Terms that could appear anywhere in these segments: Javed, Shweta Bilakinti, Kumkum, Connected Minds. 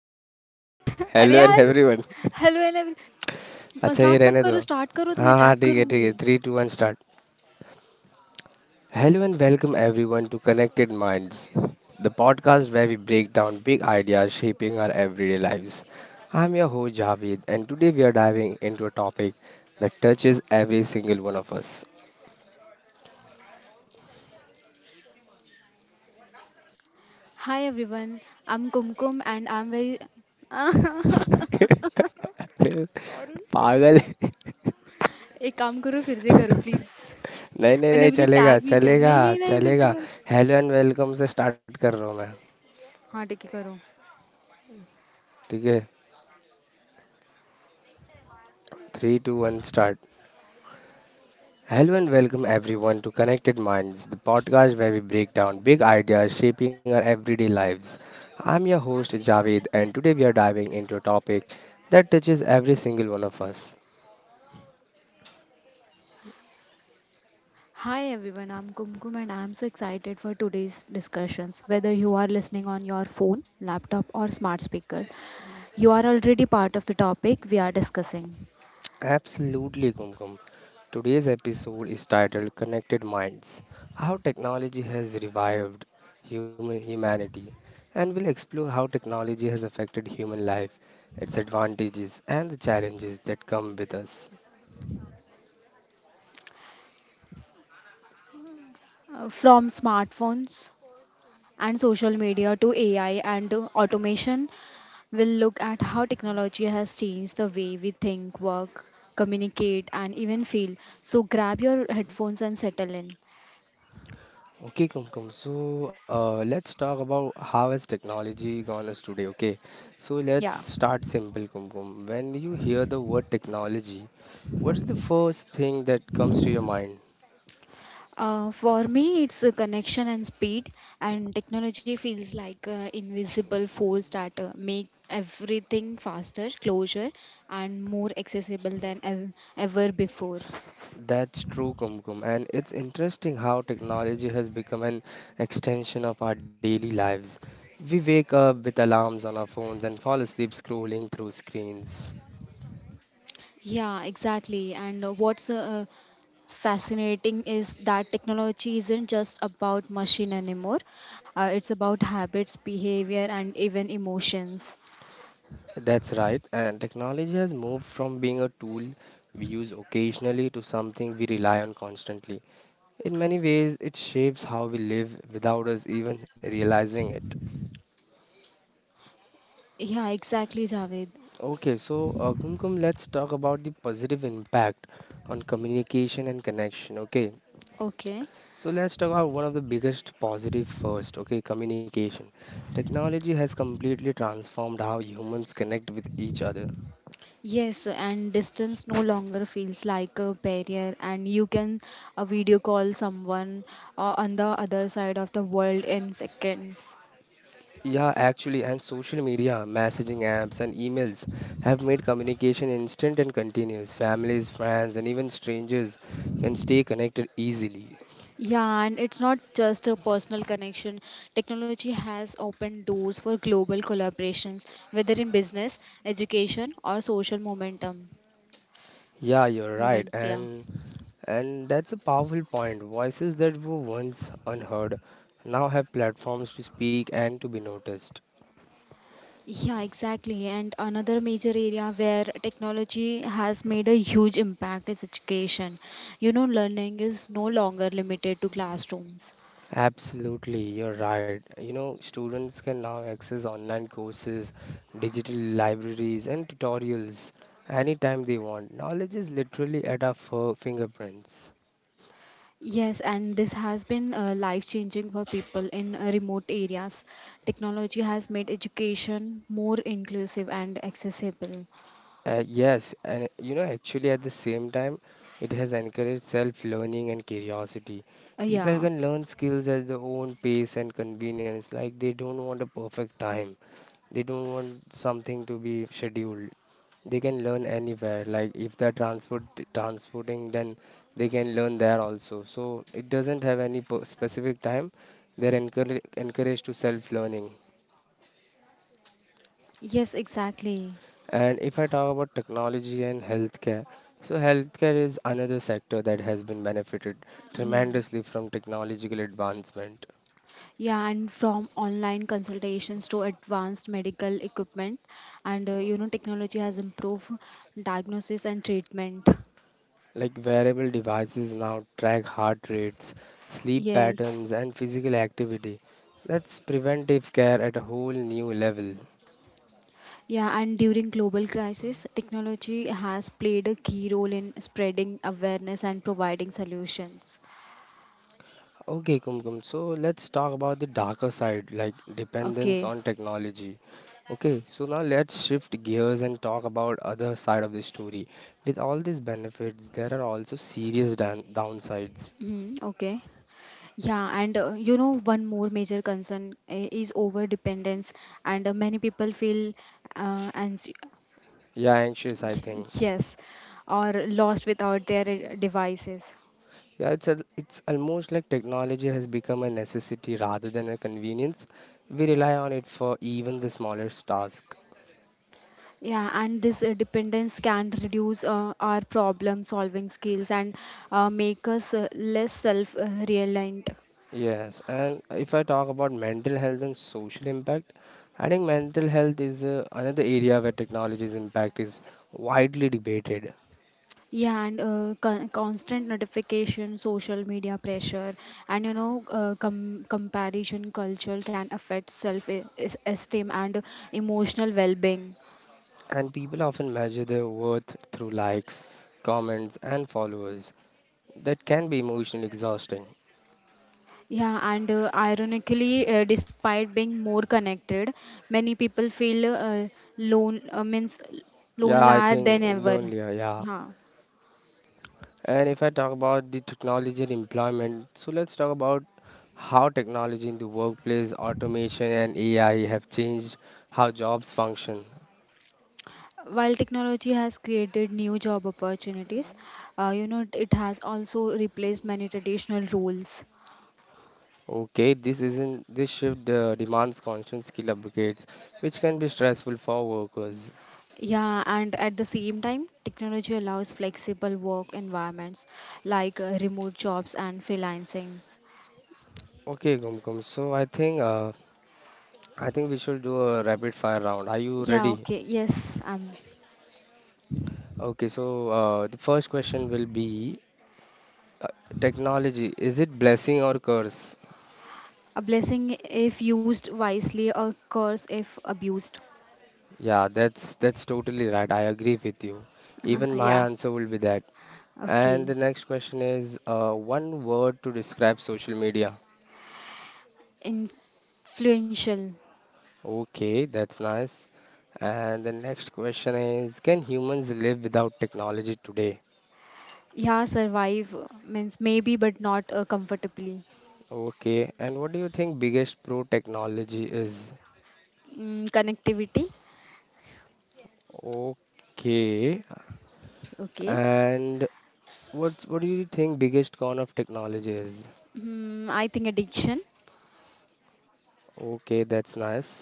अरे hello and यार! Everyone. Hello and every अच्छा, ये मज़ाक मत रहने दो। करो, स्टार्ट करो तो मैं हाँ, हाँ, टैग ठीक है, ठीक करूँगी। है, three two one start. Hello and welcome everyone to connected minds, the podcast where we break down big ideas shaping our everyday lives. I am your host Javed, and today we are diving into a topic that touches every single one of us. Hi everyone, I am Kumkum and I am very uh, sorry. पागल। एक काम करो फिर से करो please. नहीं, नहीं, मैंने नहीं, अभी तक चलेगा, टैग नहीं किया है। चलेगा, नहीं, नहीं, नहीं फिर से चलेगा। करो। हेलो एंड वेलकम से स्टार्ट कर रहा हूँ मैं। हाँ, ठीक है करो। ठीक है। Three, two, one, start. Hello and welcome everyone to Connected Minds, the podcast where we break down big ideas shaping our everyday lives. I'm your host Javed, and today we are diving into a topic that touches every single one of us. Hi everyone, I'm Kumkum and I'm so excited for today's discussions. Whether you are listening on your phone, laptop, or smart speaker, you are already part of the topic we are discussing. Absolutely, Kumkum. Today's episode is titled Connected Minds, How Technology Has Revived Human Humanity, and we'll explore how technology has affected human life, its advantages, and the challenges that come with us. From smartphones and social media to AI and to automation, we'll look at how technology has changed the way we think, work, communicate, and even feel. So grab your headphones and settle in. Okay, Kumkum. So let's talk about how has technology gone us today. Okay, so let's Yeah. start simple, Kumkum. When you hear the word technology, what is the first thing that comes to your mind? For me, it's a connection and speed, and technology feels like an invisible force that make everything faster, closer, and more accessible than ever before. That's true, Kumkum. And it's interesting how technology has become an extension of our daily lives. We wake up with alarms on our phones and fall asleep scrolling through screens. Yeah, exactly. And what's fascinating is that technology isn't just about machine anymore, it's about habits, behavior, and even emotions. That's right, and technology has moved from being a tool we use occasionally to something we rely on constantly. In many ways, it shapes how we live without us even realizing it. Yeah, exactly, Javed. Okay, so Kumkum, let's talk about the positive impact on communication and connection. Okay, Okay. so let's talk about one of the biggest positive first. Okay, communication. Technology has completely transformed how humans connect with each other. Yes, and distance no longer feels like a barrier, and you can video call someone on the other side of the world in seconds. Yeah, actually, and social media, messaging apps, and emails have made communication instant and continuous. Families, friends, and even strangers can stay connected easily. Yeah, and it's not just a personal connection. Technology has opened doors for global collaborations, whether in business, education, or social momentum Yeah, you're right, moments. Yeah. and that's a powerful point. Voices that were once unheard now have platforms to speak and to be noticed. Yeah, exactly. And another major area where technology has made a huge impact is education. You know, learning is no longer limited to classrooms. Absolutely, you're right. You know, students can now access online courses, digital libraries, and tutorials anytime they want. Knowledge is literally at our fingerprints. Yes, and this has been life changing for people in remote areas. Technology has made education more inclusive and accessible. Yes, and you know, actually, at the same time, it has encouraged self learning and curiosity. People Yeah, can learn skills at their own pace and convenience. Like, they don't want a perfect time, they don't want something to be scheduled. They can learn anywhere. Like, if they're transporting, then they can learn there also. So, it doesn't have any per- specific time. They're encouraged to self learning. yes, exactly. And if I talk about technology and healthcare, so healthcare is another sector that has been benefited Mhm. tremendously from technological advancement. Yeah, and from online consultations to advanced medical equipment, and you know, technology has improved diagnosis and treatment. Like wearable devices now track heart rates, sleep Yes. patterns, and physical activity. That's preventive care at a whole new level. Yeah, and during global crisis, technology has played a key role in spreading awareness and providing solutions. Okay, Kumkum. So let's talk about the darker side, like dependence Okay. on technology. Okay, so now let's shift gears and talk about other side of the story. With all these benefits, there are also serious downsides. Mhm, okay. Yeah, and you know, one more major concern is over dependence, and many people feel, and Yeah, anxious, I think. yes, or lost without their devices. Yeah, it's almost like technology has become a necessity rather than a convenience. We rely on it for even the smallest task. Yeah, and this dependence can reduce our problem solving skills and make us less self reliant. Yes, and if I talk about mental health and social impact, I think mental health is another area where technology's impact is widely debated, Yeah, and constant notification, social media pressure, and you know, comparison culture can affect self esteem and emotional well being. and people often measure their worth through likes, comments, and followers. That can be emotionally exhausting. Yeah, and ironically, despite being more connected, many people feel lone uh, means Yeah, I lonelier think than ever. lonelier, yeah. Yeah. And if I talk about the technology and employment, so let's talk about how technology in the workplace, automation, and AI have changed how jobs function. While technology has created new job opportunities, you know, it has also replaced many traditional roles. Okay, this isn't this shift demands constant skill upgrades, which can be stressful for workers. Yeah, and at the same time, technology allows flexible work environments like remote jobs and freelancing. Okay, Gumkum. So I think we should do a rapid fire round. Are you Yeah, ready? okay, yes, Okay. So the first question will be technology. Is it blessing or curse? a blessing if used wisely, a curse if abused. Yeah, that's totally right. I agree with you. Even my Yeah, answer will be that. And the okay. next question is one word to describe social media. Influential. Okay, that's nice. And the next question is, can humans live without technology today? Yeah, survive, means maybe, but not comfortably. Okay, and what do you think biggest pro technology is? Mm, connectivity. Okay, Okay. and what do you think biggest con of technology is? Mm, I think addiction. Okay, that's nice.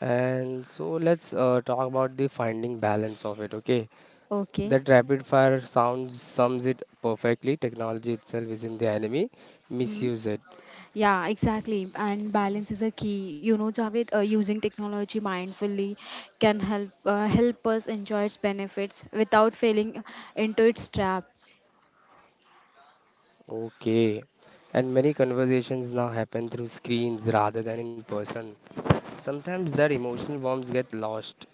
And so let's talk about the finding balance of it. Okay, Okay. that rapid fire sounds sums it perfectly. Technology itself isn't the enemy, Hmm. misuse it. Yeah, exactly. And balance is a key. You know, Javed, using technology mindfully can help us enjoy its benefits without falling into its traps. Okay. And many conversations now happen through screens rather than in person. Sometimes that emotional warmth get lost.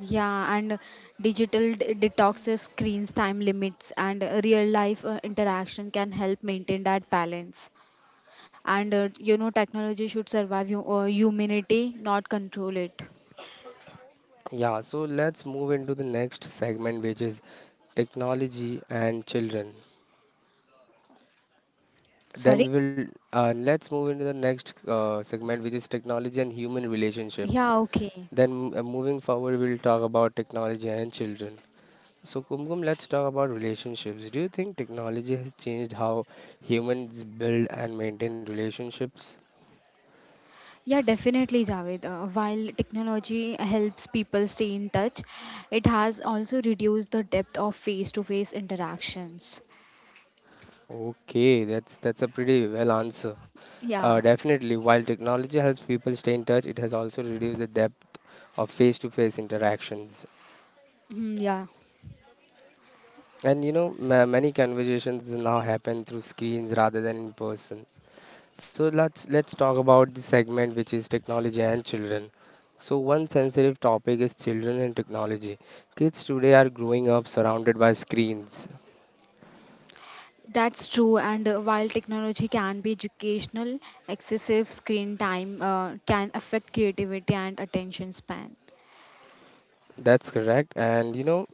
Yeah, and digital detoxes, screens, time limits, and real life interaction can help maintain that balance. And you know, technology should survive you, humanity, not control it. Yeah, so let's move into the next segment which is technology and children. Then Sorry? we will let's move into the next segment which is technology and human relationships. Yeah, okay. Then moving forward we'll talk about technology and children. So, Kumkum, let's talk about relationships. Do you think technology has changed how humans build and maintain relationships? Yeah, definitely, Javed. While technology helps people stay in touch, it has also reduced the depth of face-to-face interactions. Okay, that's a pretty well answer. Uh, Yeah. definitely, while technology helps people stay in touch, it has also reduced the depth of face-to-face interactions. Mm, yeah, And you know, many conversations now happen through screens rather than in person. So let's talk about the segment which is technology and children. So one sensitive topic is children and technology. Kids today are growing up surrounded by screens. that's true. And while technology can be educational, excessive screen time can affect creativity and attention span. That's correct. And you know,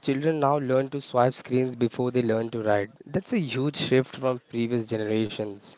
children now learn to swipe screens before they learn to write. That's a huge shift from previous generations.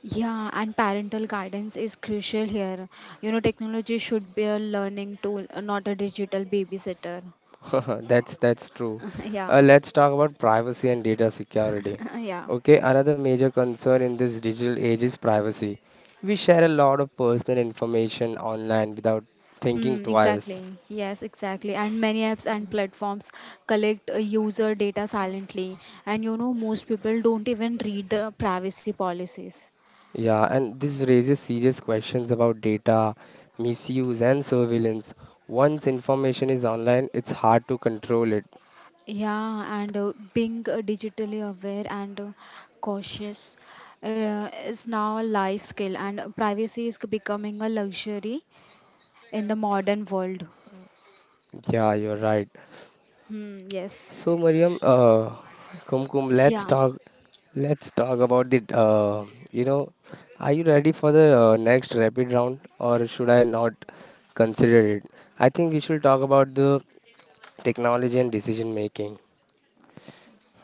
Yeah, and parental guidance is crucial here. You know, technology should be a learning tool, not a digital babysitter. That's true. Yeah. Let's talk about privacy and data security. Yeah. Okay, another major concern in this digital age is privacy. We share a lot of personal information online without thinking Hmm, twice. exactly. Yes, exactly. And many apps and platforms collect user data silently. And you know, most people don't even read the privacy policies. Yeah, and this raises serious questions about data misuse and surveillance. Once information is online, it's hard to control it. Yeah, and being digitally aware and cautious is now a life skill, and privacy is becoming a luxury in the modern world. Yeah, you're right. Hmm, yes. So Kumkum, let's Yeah. talk. Let's talk about the. You know, are you ready for the next rapid round, or should I not consider it? I think we should talk about the technology and decision making.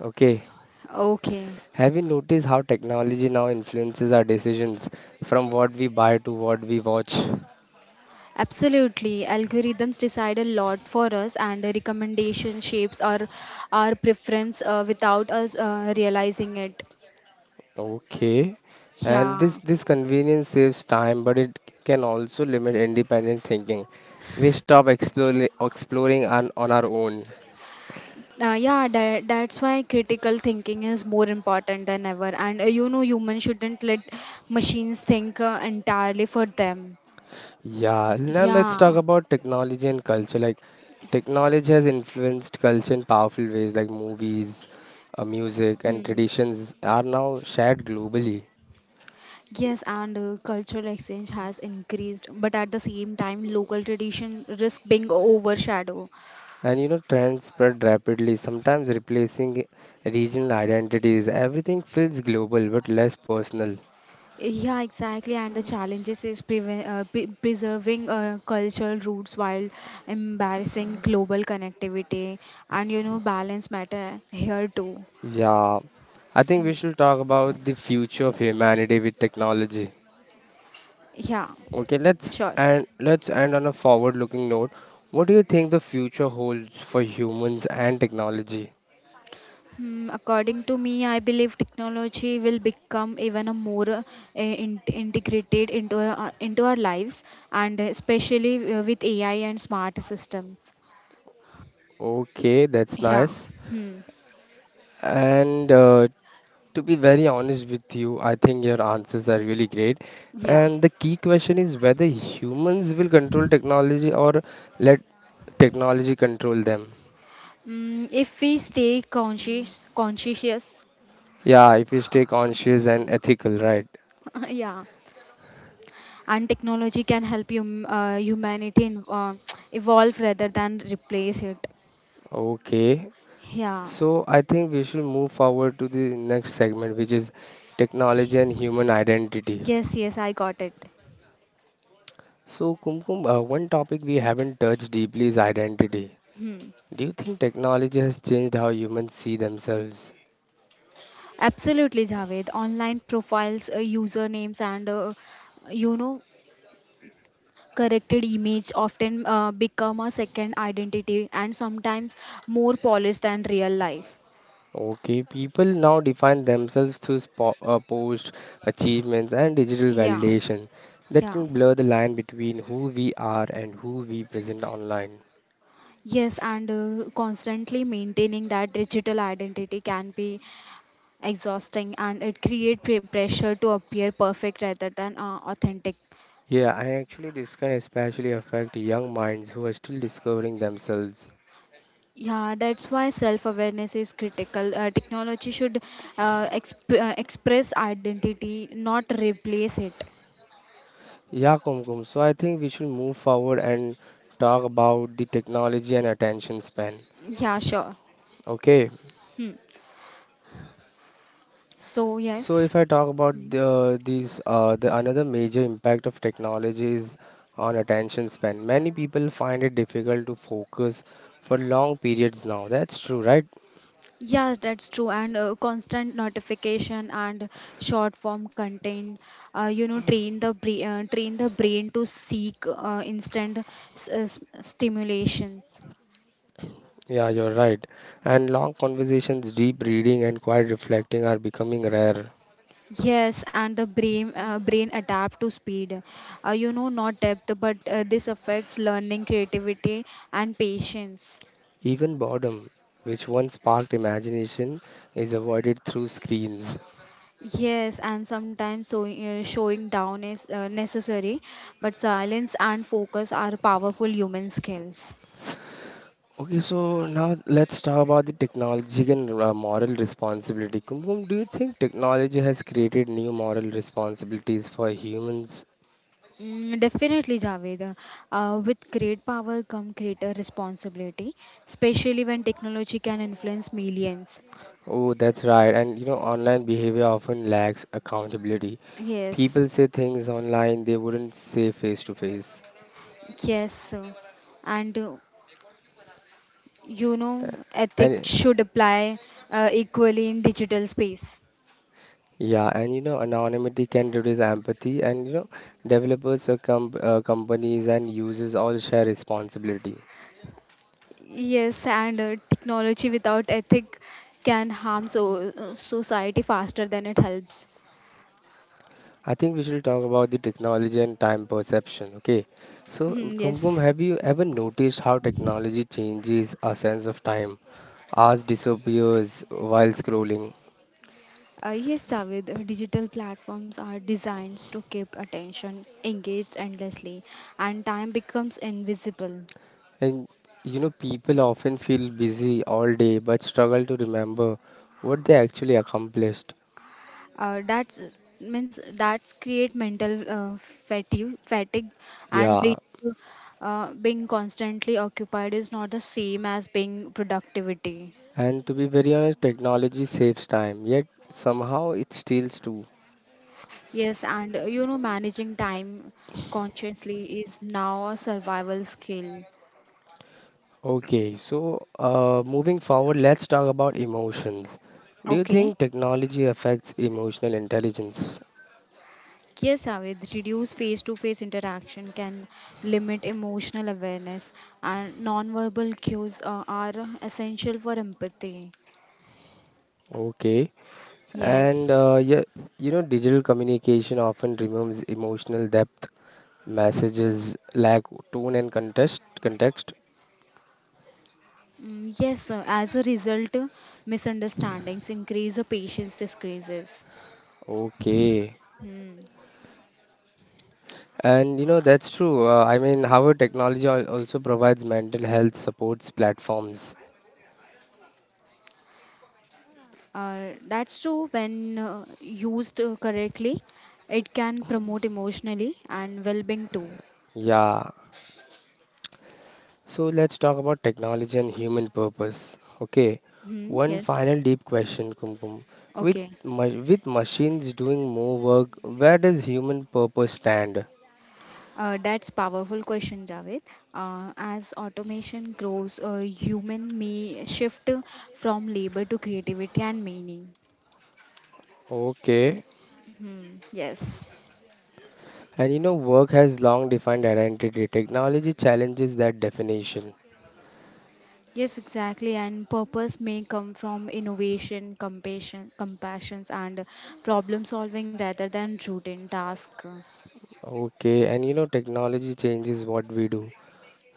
Okay. Okay. Have you noticed how technology now influences our decisions from what we buy to what we watch? Absolutely. Algorithms decide a lot for us, and the recommendation shapes our preference without us realizing it. Okay. And Yeah. this convenience saves time, but it can also limit independent thinking. We stop exploring on our own. Yeah, that's why critical thinking is more important than ever. And you know, humans shouldn't let machines think entirely for them. Yeah, now let's talk Yeah. about technology and culture. Like, technology has influenced culture in powerful ways, like movies, music, and Hmm. traditions are now shared globally. Yes, and cultural exchange has increased, but at the same time, local tradition risk being overshadowed. And you know, trends spread rapidly, sometimes replacing regional identities. Everything feels global but less personal. Yeah, exactly. And the challenges is preserving cultural roots while embarrassing global connectivity. And you know, balance matter here too. Yeah, I think we should talk about the future of humanity with technology. Yeah, Okay, sure. Let's end on a forward-looking note. What do you think the future holds for humans and technology? Hmm, according to me, I believe technology will become even a more integrated into our lives, and especially with AI and smart systems. Okay, that's Yeah. nice. Hmm. And to be very honest with you, I think your answers are really great. Yeah. And the key question is whether humans will control technology or let technology control them. Mm, if we stay conscious, Yeah, if we stay conscious and ethical, right? yeah, and technology can help, humanity evolve rather than replace it. Okay. Yeah. So I think we should move forward to the next segment, which is technology and human identity. Yes, yes, I got it. So Kumkum, one topic we haven't touched deeply is identity. Hmm. Do you think technology has changed how humans see themselves? Absolutely, Javed. Online profiles, usernames, and you know, corrected image often become a second identity, and sometimes more polished than real life. Okay, people now define themselves through posts, achievements, and digital Yeah. validation that Yeah. can blur the line between who we are and who we present online. Yes, and constantly maintaining that digital identity can be exhausting, and it create pressure to appear perfect rather than authentic. Yeah, and actually, this can especially affect young minds who are still discovering themselves. Yeah, that's why self awareness is critical. Technology should express identity, not replace it. Yeah, Kumkum. So I think we should move forward and talk about the technology and attention span. Yeah, sure. Okay. Hmm. So So yes. if I talk about Mm. the, these, the another major impact of technology is on attention span. Many people find it difficult to focus for long periods now. That's true, right? Yes, that's true. And constant notification and short form content, you know, train the brain to seek instant stimulations. Yeah, you're right. And long conversations, deep reading, and quiet reflecting are becoming rare. Yes, and the brain adapt to speed. You know, not depth, but this affects learning, creativity, and patience. Even boredom, which once sparked imagination, is avoided through screens. Yes, and sometimes so, showing down is necessary, but silence and focus are powerful human skills. Okay, so now let's talk about the technology and moral responsibility. Kumkum, do you think technology has created new moral responsibilities for humans? Mm, definitely, Javed. With great power come greater responsibility, especially when technology can influence millions. Oh, that's right. And you know, online behavior often lacks accountability. Yes, People say things online they wouldn't say face to face. yes, sir. And you know, ethics And should apply equally in digital space. yeah, and anonymity can reduce empathy. And you know, developers, companies, and users all share responsibility. Yes, and technology without ethic can harm, society faster than it helps. I think we should talk about the technology and time perception. Okay. So, Mhm, yes. Kumkum, have you ever noticed how technology changes our sense of time? Ours disappears while scrolling. Yes, Javed, digital platforms are designed to keep attention engaged endlessly, and time becomes invisible. And you know, people often feel busy all day but struggle to remember what they actually accomplished. uh, that's that's create mental fatigue, and Yeah. being constantly occupied is not the same as being productivity. And to be very honest, technology saves time, yet somehow it steals too. Yes, and you know, managing time consciously is now a survival skill. Okay, so moving forward, let's talk about emotions. Do you think Okay. technology affects emotional intelligence? Yes, Javed, reduce face to face interaction can limit emotional awareness, and nonverbal cues are essential for empathy. Okay, and Yes. Yeah, you know, digital communication often removes emotional depth. Messages lack tone and context. Context. Mm, yes, sir. As a result, misunderstandings increase, patience decreases. Okay, Hmm. and you know that's true. I mean, however, technology also provides mental health supports platforms. That's true. When used correctly, it can promote emotionally and well-being too. Yeah, so let's talk about technology and human purpose. Okay, Hmm. one Yes. final deep question, Kumkum. With Okay. with machines doing more work, where does human purpose stand? That's powerful question, Javed. As automation grows, human may shift from labor to creativity and meaning. Okay, Hmm. Yes. and you know work has long defined identity. Technology challenges that definition. Yes, exactly. And purpose may come from innovation, compassions, and problem solving rather than routine task. Okay, and you know technology changes what we do,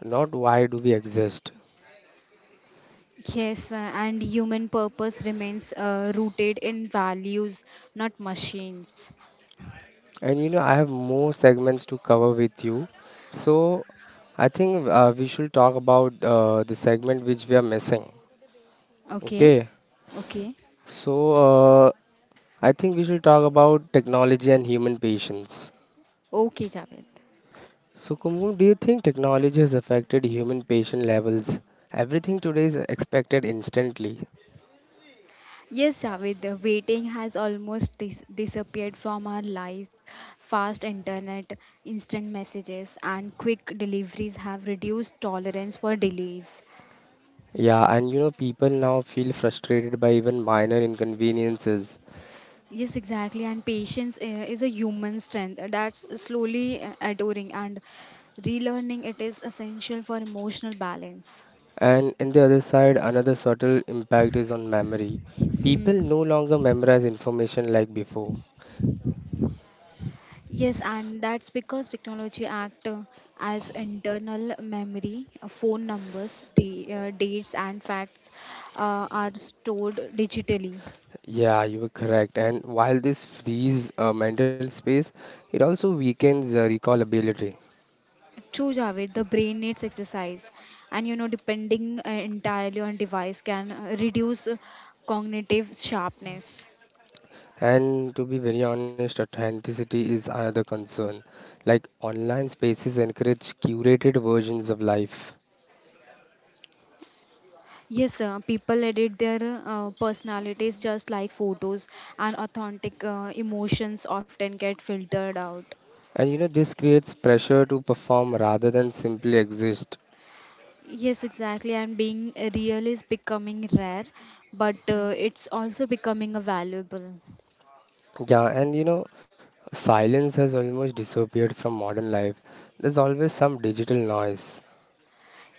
not why do we exist. Yes, and human purpose remains rooted in values, not machines. And you know, I have more segments to cover with you. So I think we should talk about the segment which we are missing. Okay, Okay. okay, So uh, I think we should talk about technology and human patience. okay, Javed. So, Kumbu, do you think technology has affected human patient levels? Everything today is expected instantly. Yes, Javed, the waiting has almost disappeared from our life. Fast internet, instant messages, and quick deliveries have reduced tolerance for delays. Yeah, and you know, people now feel frustrated by even minor inconveniences. Yes, exactly. And patience is a human strength that's slowly adoring, and relearning it is essential for emotional balance. And in the other side, another subtle impact is on memory. People Hmm. no longer memorize information like before. Yes, and that's because technology act as internal memory. Phone numbers, dates, and facts are stored digitally. Yeah, you were correct. And while this frees mental space, it also weakens recall ability. True, Javed, the brain needs exercise, and you know, depending entirely on device can reduce cognitive sharpness. And to be very honest, authenticity is another concern. Like online spaces encourage curated versions of life. Yes, people edit their personalities just like photos, and authentic emotions often get filtered out. And you know, this creates pressure to perform rather than simply exist. Yes, exactly. And being real is becoming rare, but it's also becoming a valuable. Yeah, and you know, silence has almost disappeared from modern life. There's always some digital noise,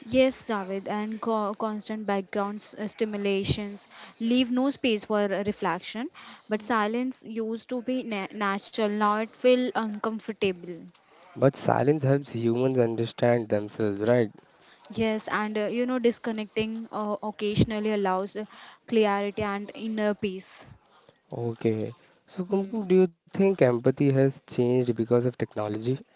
Yes, Javed, and constant background stimulations leave no space for reflection, but silence used to be natural, now it feels uncomfortable. but silence helps humans understand themselves, right? Yes, and you know, disconnecting occasionally allows clarity and inner peace. Okay. So, Hmm. Kumkum, do you think empathy has changed because of technology?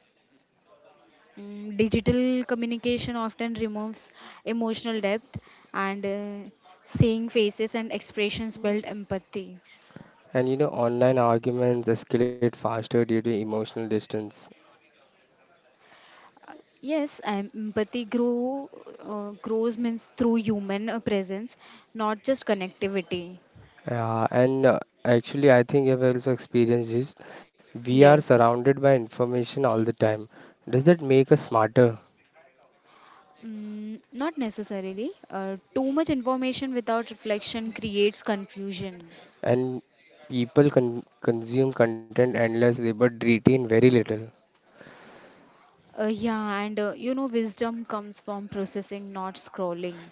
Mm, digital communication often removes emotional depth, and seeing faces and expressions build empathy. And you know, online arguments escalate faster due to emotional distance. Yes, empathy grow grows means through human presence, not just connectivity. Yeah, and actually, I think I've also experienced this. We are Yes. surrounded by information all the time. Does that make us smarter? Mm, not necessarily. Too much information without reflection creates confusion. And people consume content endlessly but retain very little. Yeah, and you know, wisdom comes from processing, not scrolling.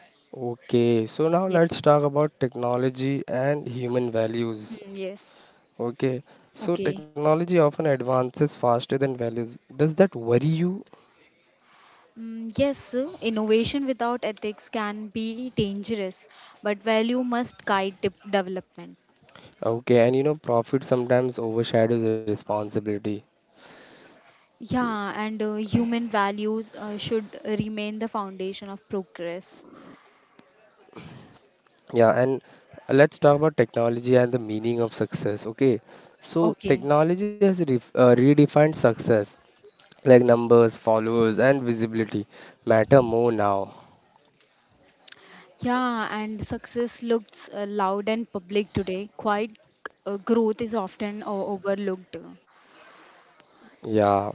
Okay, so now Yes. let's talk about technology and human values. Mm, yes. Okay, so Okay. technology often advances faster than values. Does that worry you? Mm, yes, innovation without ethics can be dangerous, but value must guide development. Okay, and you know profit sometimes overshadows responsibility. Yeah, and human values should remain the foundation of progress. Yeah, and let's talk about technology and the meaning of success. Okay, so Okay. technology has redefined success, like numbers, followers, and visibility matter more now. Yeah, and success looks loud and public today. Quiet growth is often overlooked. Yeah.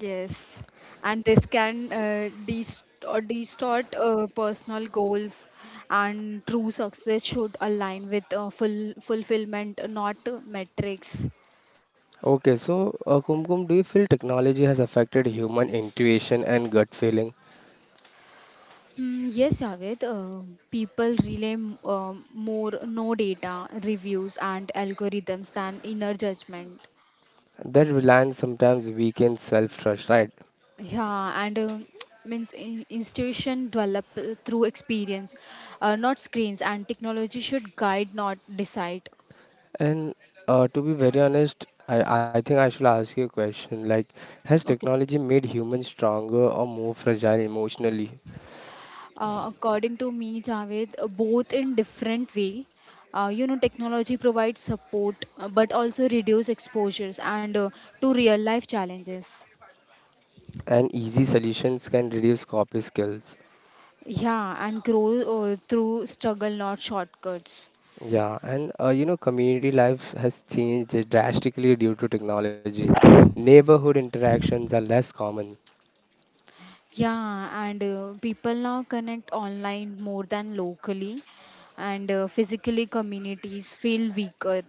Yes, and this can distort personal goals, and true success should align with full fulfillment, not metrics. Okay, so Kumkum, do you feel technology has affected human intuition and gut feeling? Mm, yes, Javed, people rely more no data, reviews, and algorithms than inner judgment. That reliance sometimes weakens self trust, right? Yeah, and institution develop through experience, not screens, and technology should guide, not decide. And to be very honest, I think I should ask you a question. Like, has Okay. technology made humans stronger or more fragile emotionally? According to me, Javed, both in different way. You know, technology provides support, but also reduce exposures, and to real life challenges. And easy solutions can reduce copy skills. Yeah, and grow through struggle, not shortcuts. Yeah, and you know, community life has changed drastically due to technology. Neighborhood interactions are less common, Yeah, and people now connect online more than locally, and physically communities feel weaker.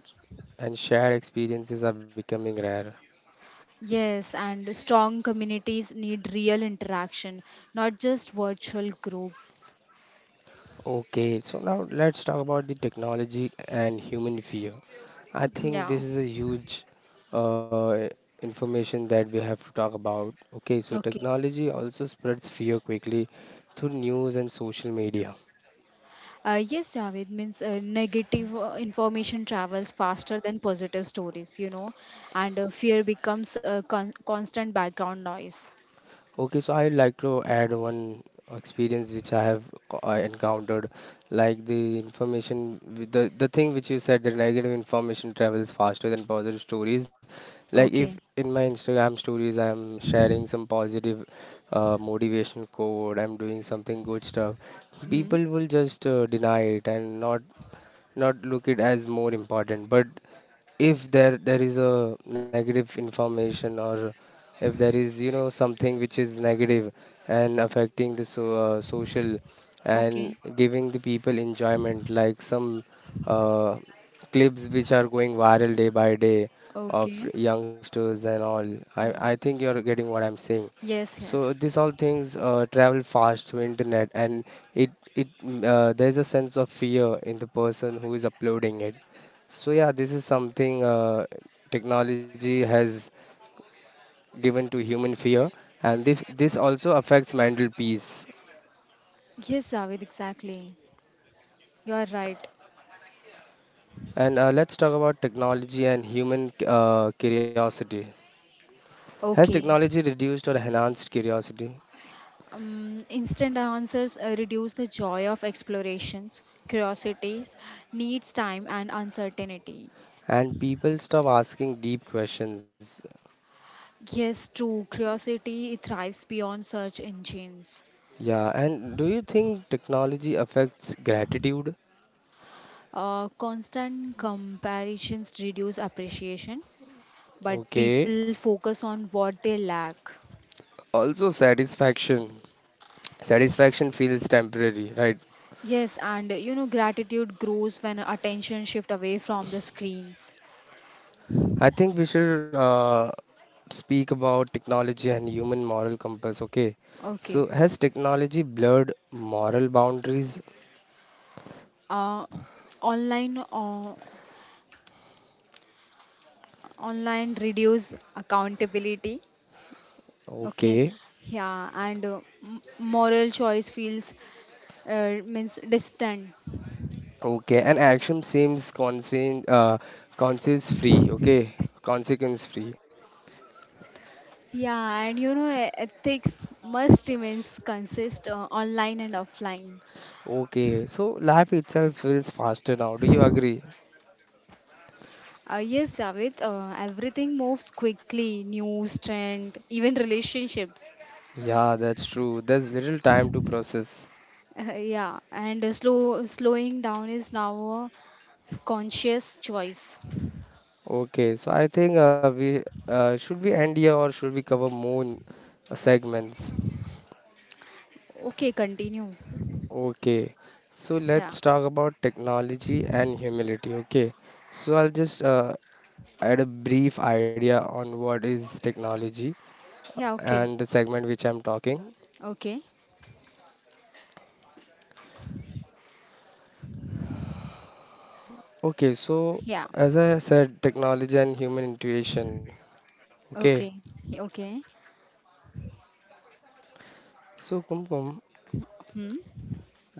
and shared experiences are becoming rare. Yes, and strong communities need real interaction, not just virtual group. Okay, so now let's talk about the technology and human fear. I think Yeah. this is a huge uh, information that we have to talk about. Okay, so Okay. technology also spreads fear quickly through news and social media. Yes, Javed, means negative information travels faster than positive stories, you know, and fear becomes a constant background noise. Okay, so I'd like to add one experience which I have I encountered, like the information, with the thing which you said, that negative information travels faster than positive stories. Like if Okay. in my Instagram stories I'm sharing some positive motivation code, I'm doing something good stuff, Hmm. people will just deny it and not look it as more important. But if there is a negative information, or if there is, you know, something which is negative and affecting the so, social, and Okay. giving the people enjoyment, like some uh, clips which are going viral day by day of Okay. youngsters and all. I i Hmm. think you're getting what I'm saying. Yes, So yes. these all things travel fast through internet, and it there's a sense of fear in the person who is uploading it. So yeah, this is something technology has given to human fear, and this also affects mental peace. Yes, Javed, exactly. You are right. And let's talk about technology and human curiosity. Has Okay. technology reduced or enhanced curiosity? Instant answers reduce the joy of explorations, curiosities, needs time, and uncertainty. And people stop asking deep questions. Yes, true. Curiosity thrives beyond search engines. Yeah, and do you think technology affects gratitude? Constant comparisons reduce appreciation, but Okay. people focus on what they lack. Also, satisfaction. Satisfaction feels temporary, right? Yes, and you know, gratitude grows when attention shift away from the screens. I think we should speak about technology and human moral compass. Okay. Okay. So, has technology blurred moral boundaries? Uh, online uh, online reduce accountability. Okay. Okay. Yeah, and moral choice feels means distant. Okay. And action seems conscience, conscience free. Okay. Consequence free. Yeah, and you know, ethics must remains consist online and offline. Okay. So, life itself feels faster now. Do you agree? Yes, Javed, everything moves quickly, news, trend, even relationships. Yeah, that's true. There's little time to process. Yeah, and slowing down is now a conscious choice. Okay. So, I think we should we end here or should we cover more segments? Okay, continue. Okay, so Yeah, let's talk about technology and humility. Okay, so I'll just add a brief idea on what is technology yeah, okay, and the segment which I'm talking. okay, Okay, so yeah, as I said, technology and human intuition. Okay, okay, okay. so Kumkum, Hmm.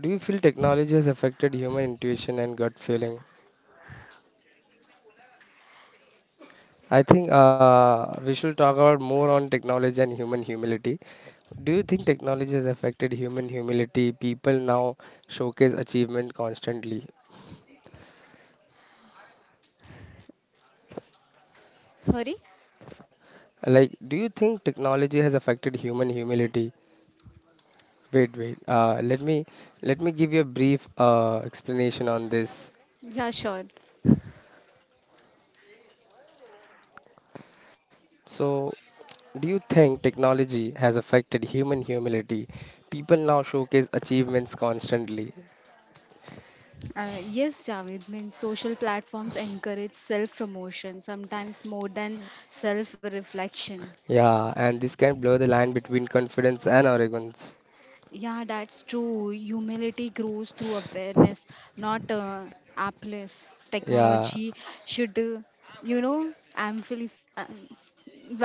do you feel technology has affected human intuition and gut feeling? I think we should talk about more on technology and human humility. Do you think technology has affected human humility? People now showcase achievement constantly. Sorry? Like, do you think technology has affected human humility? Wait, wait. Let me let me give you a brief explanation on this. Yeah, sure. So, do you think technology has affected human humility? People now showcase achievements constantly. Yes, Javed, means social platforms encourage self promotion, sometimes more than self reflection. Yeah, and this can blur the line between confidence and arrogance. Yeah, that's true. Humility grows through awareness, not applause. Yeah, Technology should, you know, amplify, um,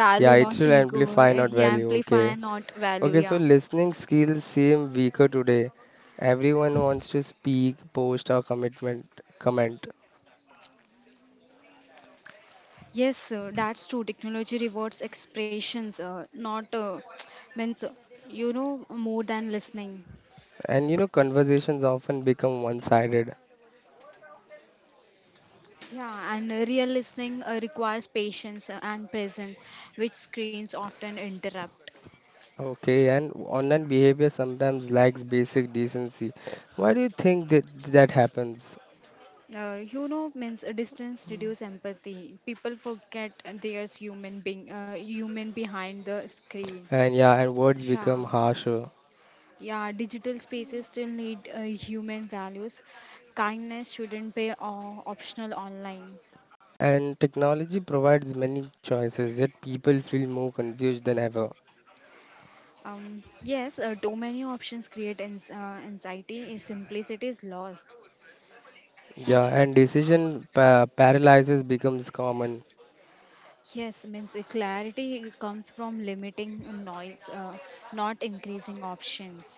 yeah, it not should ego. amplify, not Yeah, value. amplify, Okay. not value. Okay, so Yeah. listening skills seem weaker today. Everyone wants to speak, post, or commitment, comment. Yes, that's true. Technology rewards expressions, not means, uh, you know, more than listening. And you know, conversations often become one sided. Yeah, and real listening requires patience and presence, which screens often interrupt. Okay, and online behavior sometimes lacks basic decency. Why do you think that happens? You know, means distance reduce empathy. People forget there's human behind the screen. And yeah, and words Yeah, become harsher. yeah. Digital spaces still need human values. Kindness shouldn't be optional online. And technology provides many choices, yet people feel more confused than ever. Yes, too many options create anxiety. If simplicity is lost. Yeah, and decision paralysis becomes common. Yes, means clarity comes from limiting noise, not increasing options.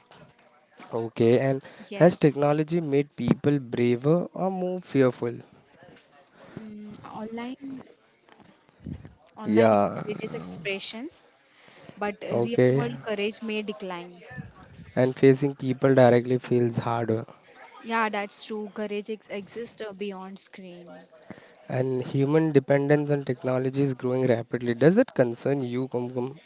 Okay, and has Yes, technology made people braver or more fearful? mm, online online Yeah, encourages expressions, but real okay. world courage may decline. And facing people directly feels harder. Yeah, that's true. Courage ex exists beyond screen. And human dependence on technology is growing rapidly. Does that concern you, Kumkum?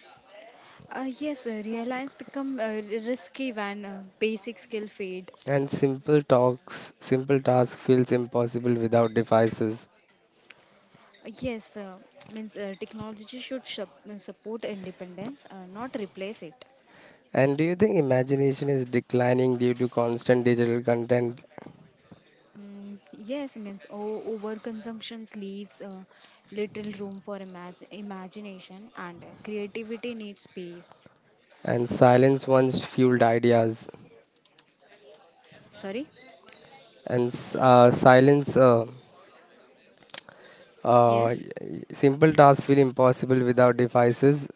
Yes, real lines become risky when basic skill fade. And simple talks, simple tasks feels impossible without devices. Yes, means technology should support independence, not replace it. And do you think imagination is declining due to constant digital content Mm, yes, means overconsumption leaves little room for imagination, and creativity needs space. and silence once fueled ideas? Sorry? And uh, Yes, simple tasks feel impossible without devices.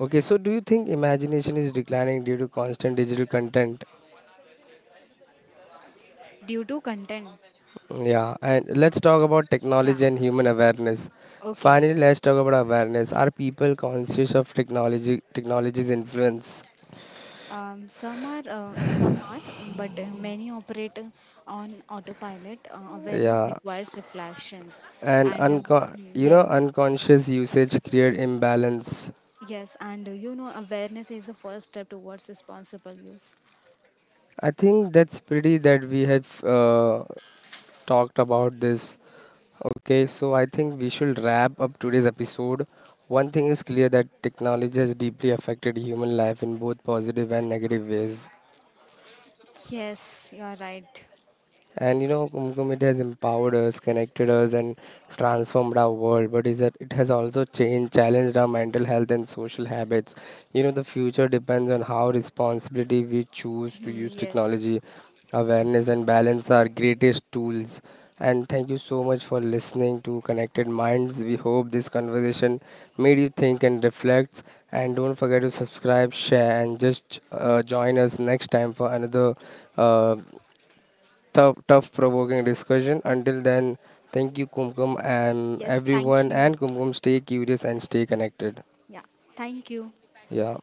Okay, so do you think imagination is declining due to constant digital content? due to content. Yeah, and let's talk about Yeah. technology and human awareness. Okay. Finally, let's talk about awareness. Are people conscious of technology, technology's influence? Some are, but many operate on autopilot. Awareness Yeah, requires reflections, and and you yes, know unconscious usage create imbalance. yes, and you know, awareness is the first step towards responsible use. I think that's pretty that we have talked about this. Okay, so I think we should wrap up today's episode. One thing is clear, that technology has deeply affected human life in both positive and negative ways. Yes, you are right. And you know, Kumkum, it has empowered us, connected us, and transformed our world. But is that it has also changed, challenged our mental health and social habits. You know, the future depends on how responsibility we choose to Hmm, use yes. technology. Awareness and balance are greatest tools. And thank you so much for listening to Connected Minds. We hope this conversation made you think and reflect. And don't forget to subscribe, share, and just join us next time for another uh, tough provoking discussion. Until then, thank you, Kumkum, and Yes, thank everyone, you. and Kumkum, stay curious and stay connected. Yeah, thank you. Yeah.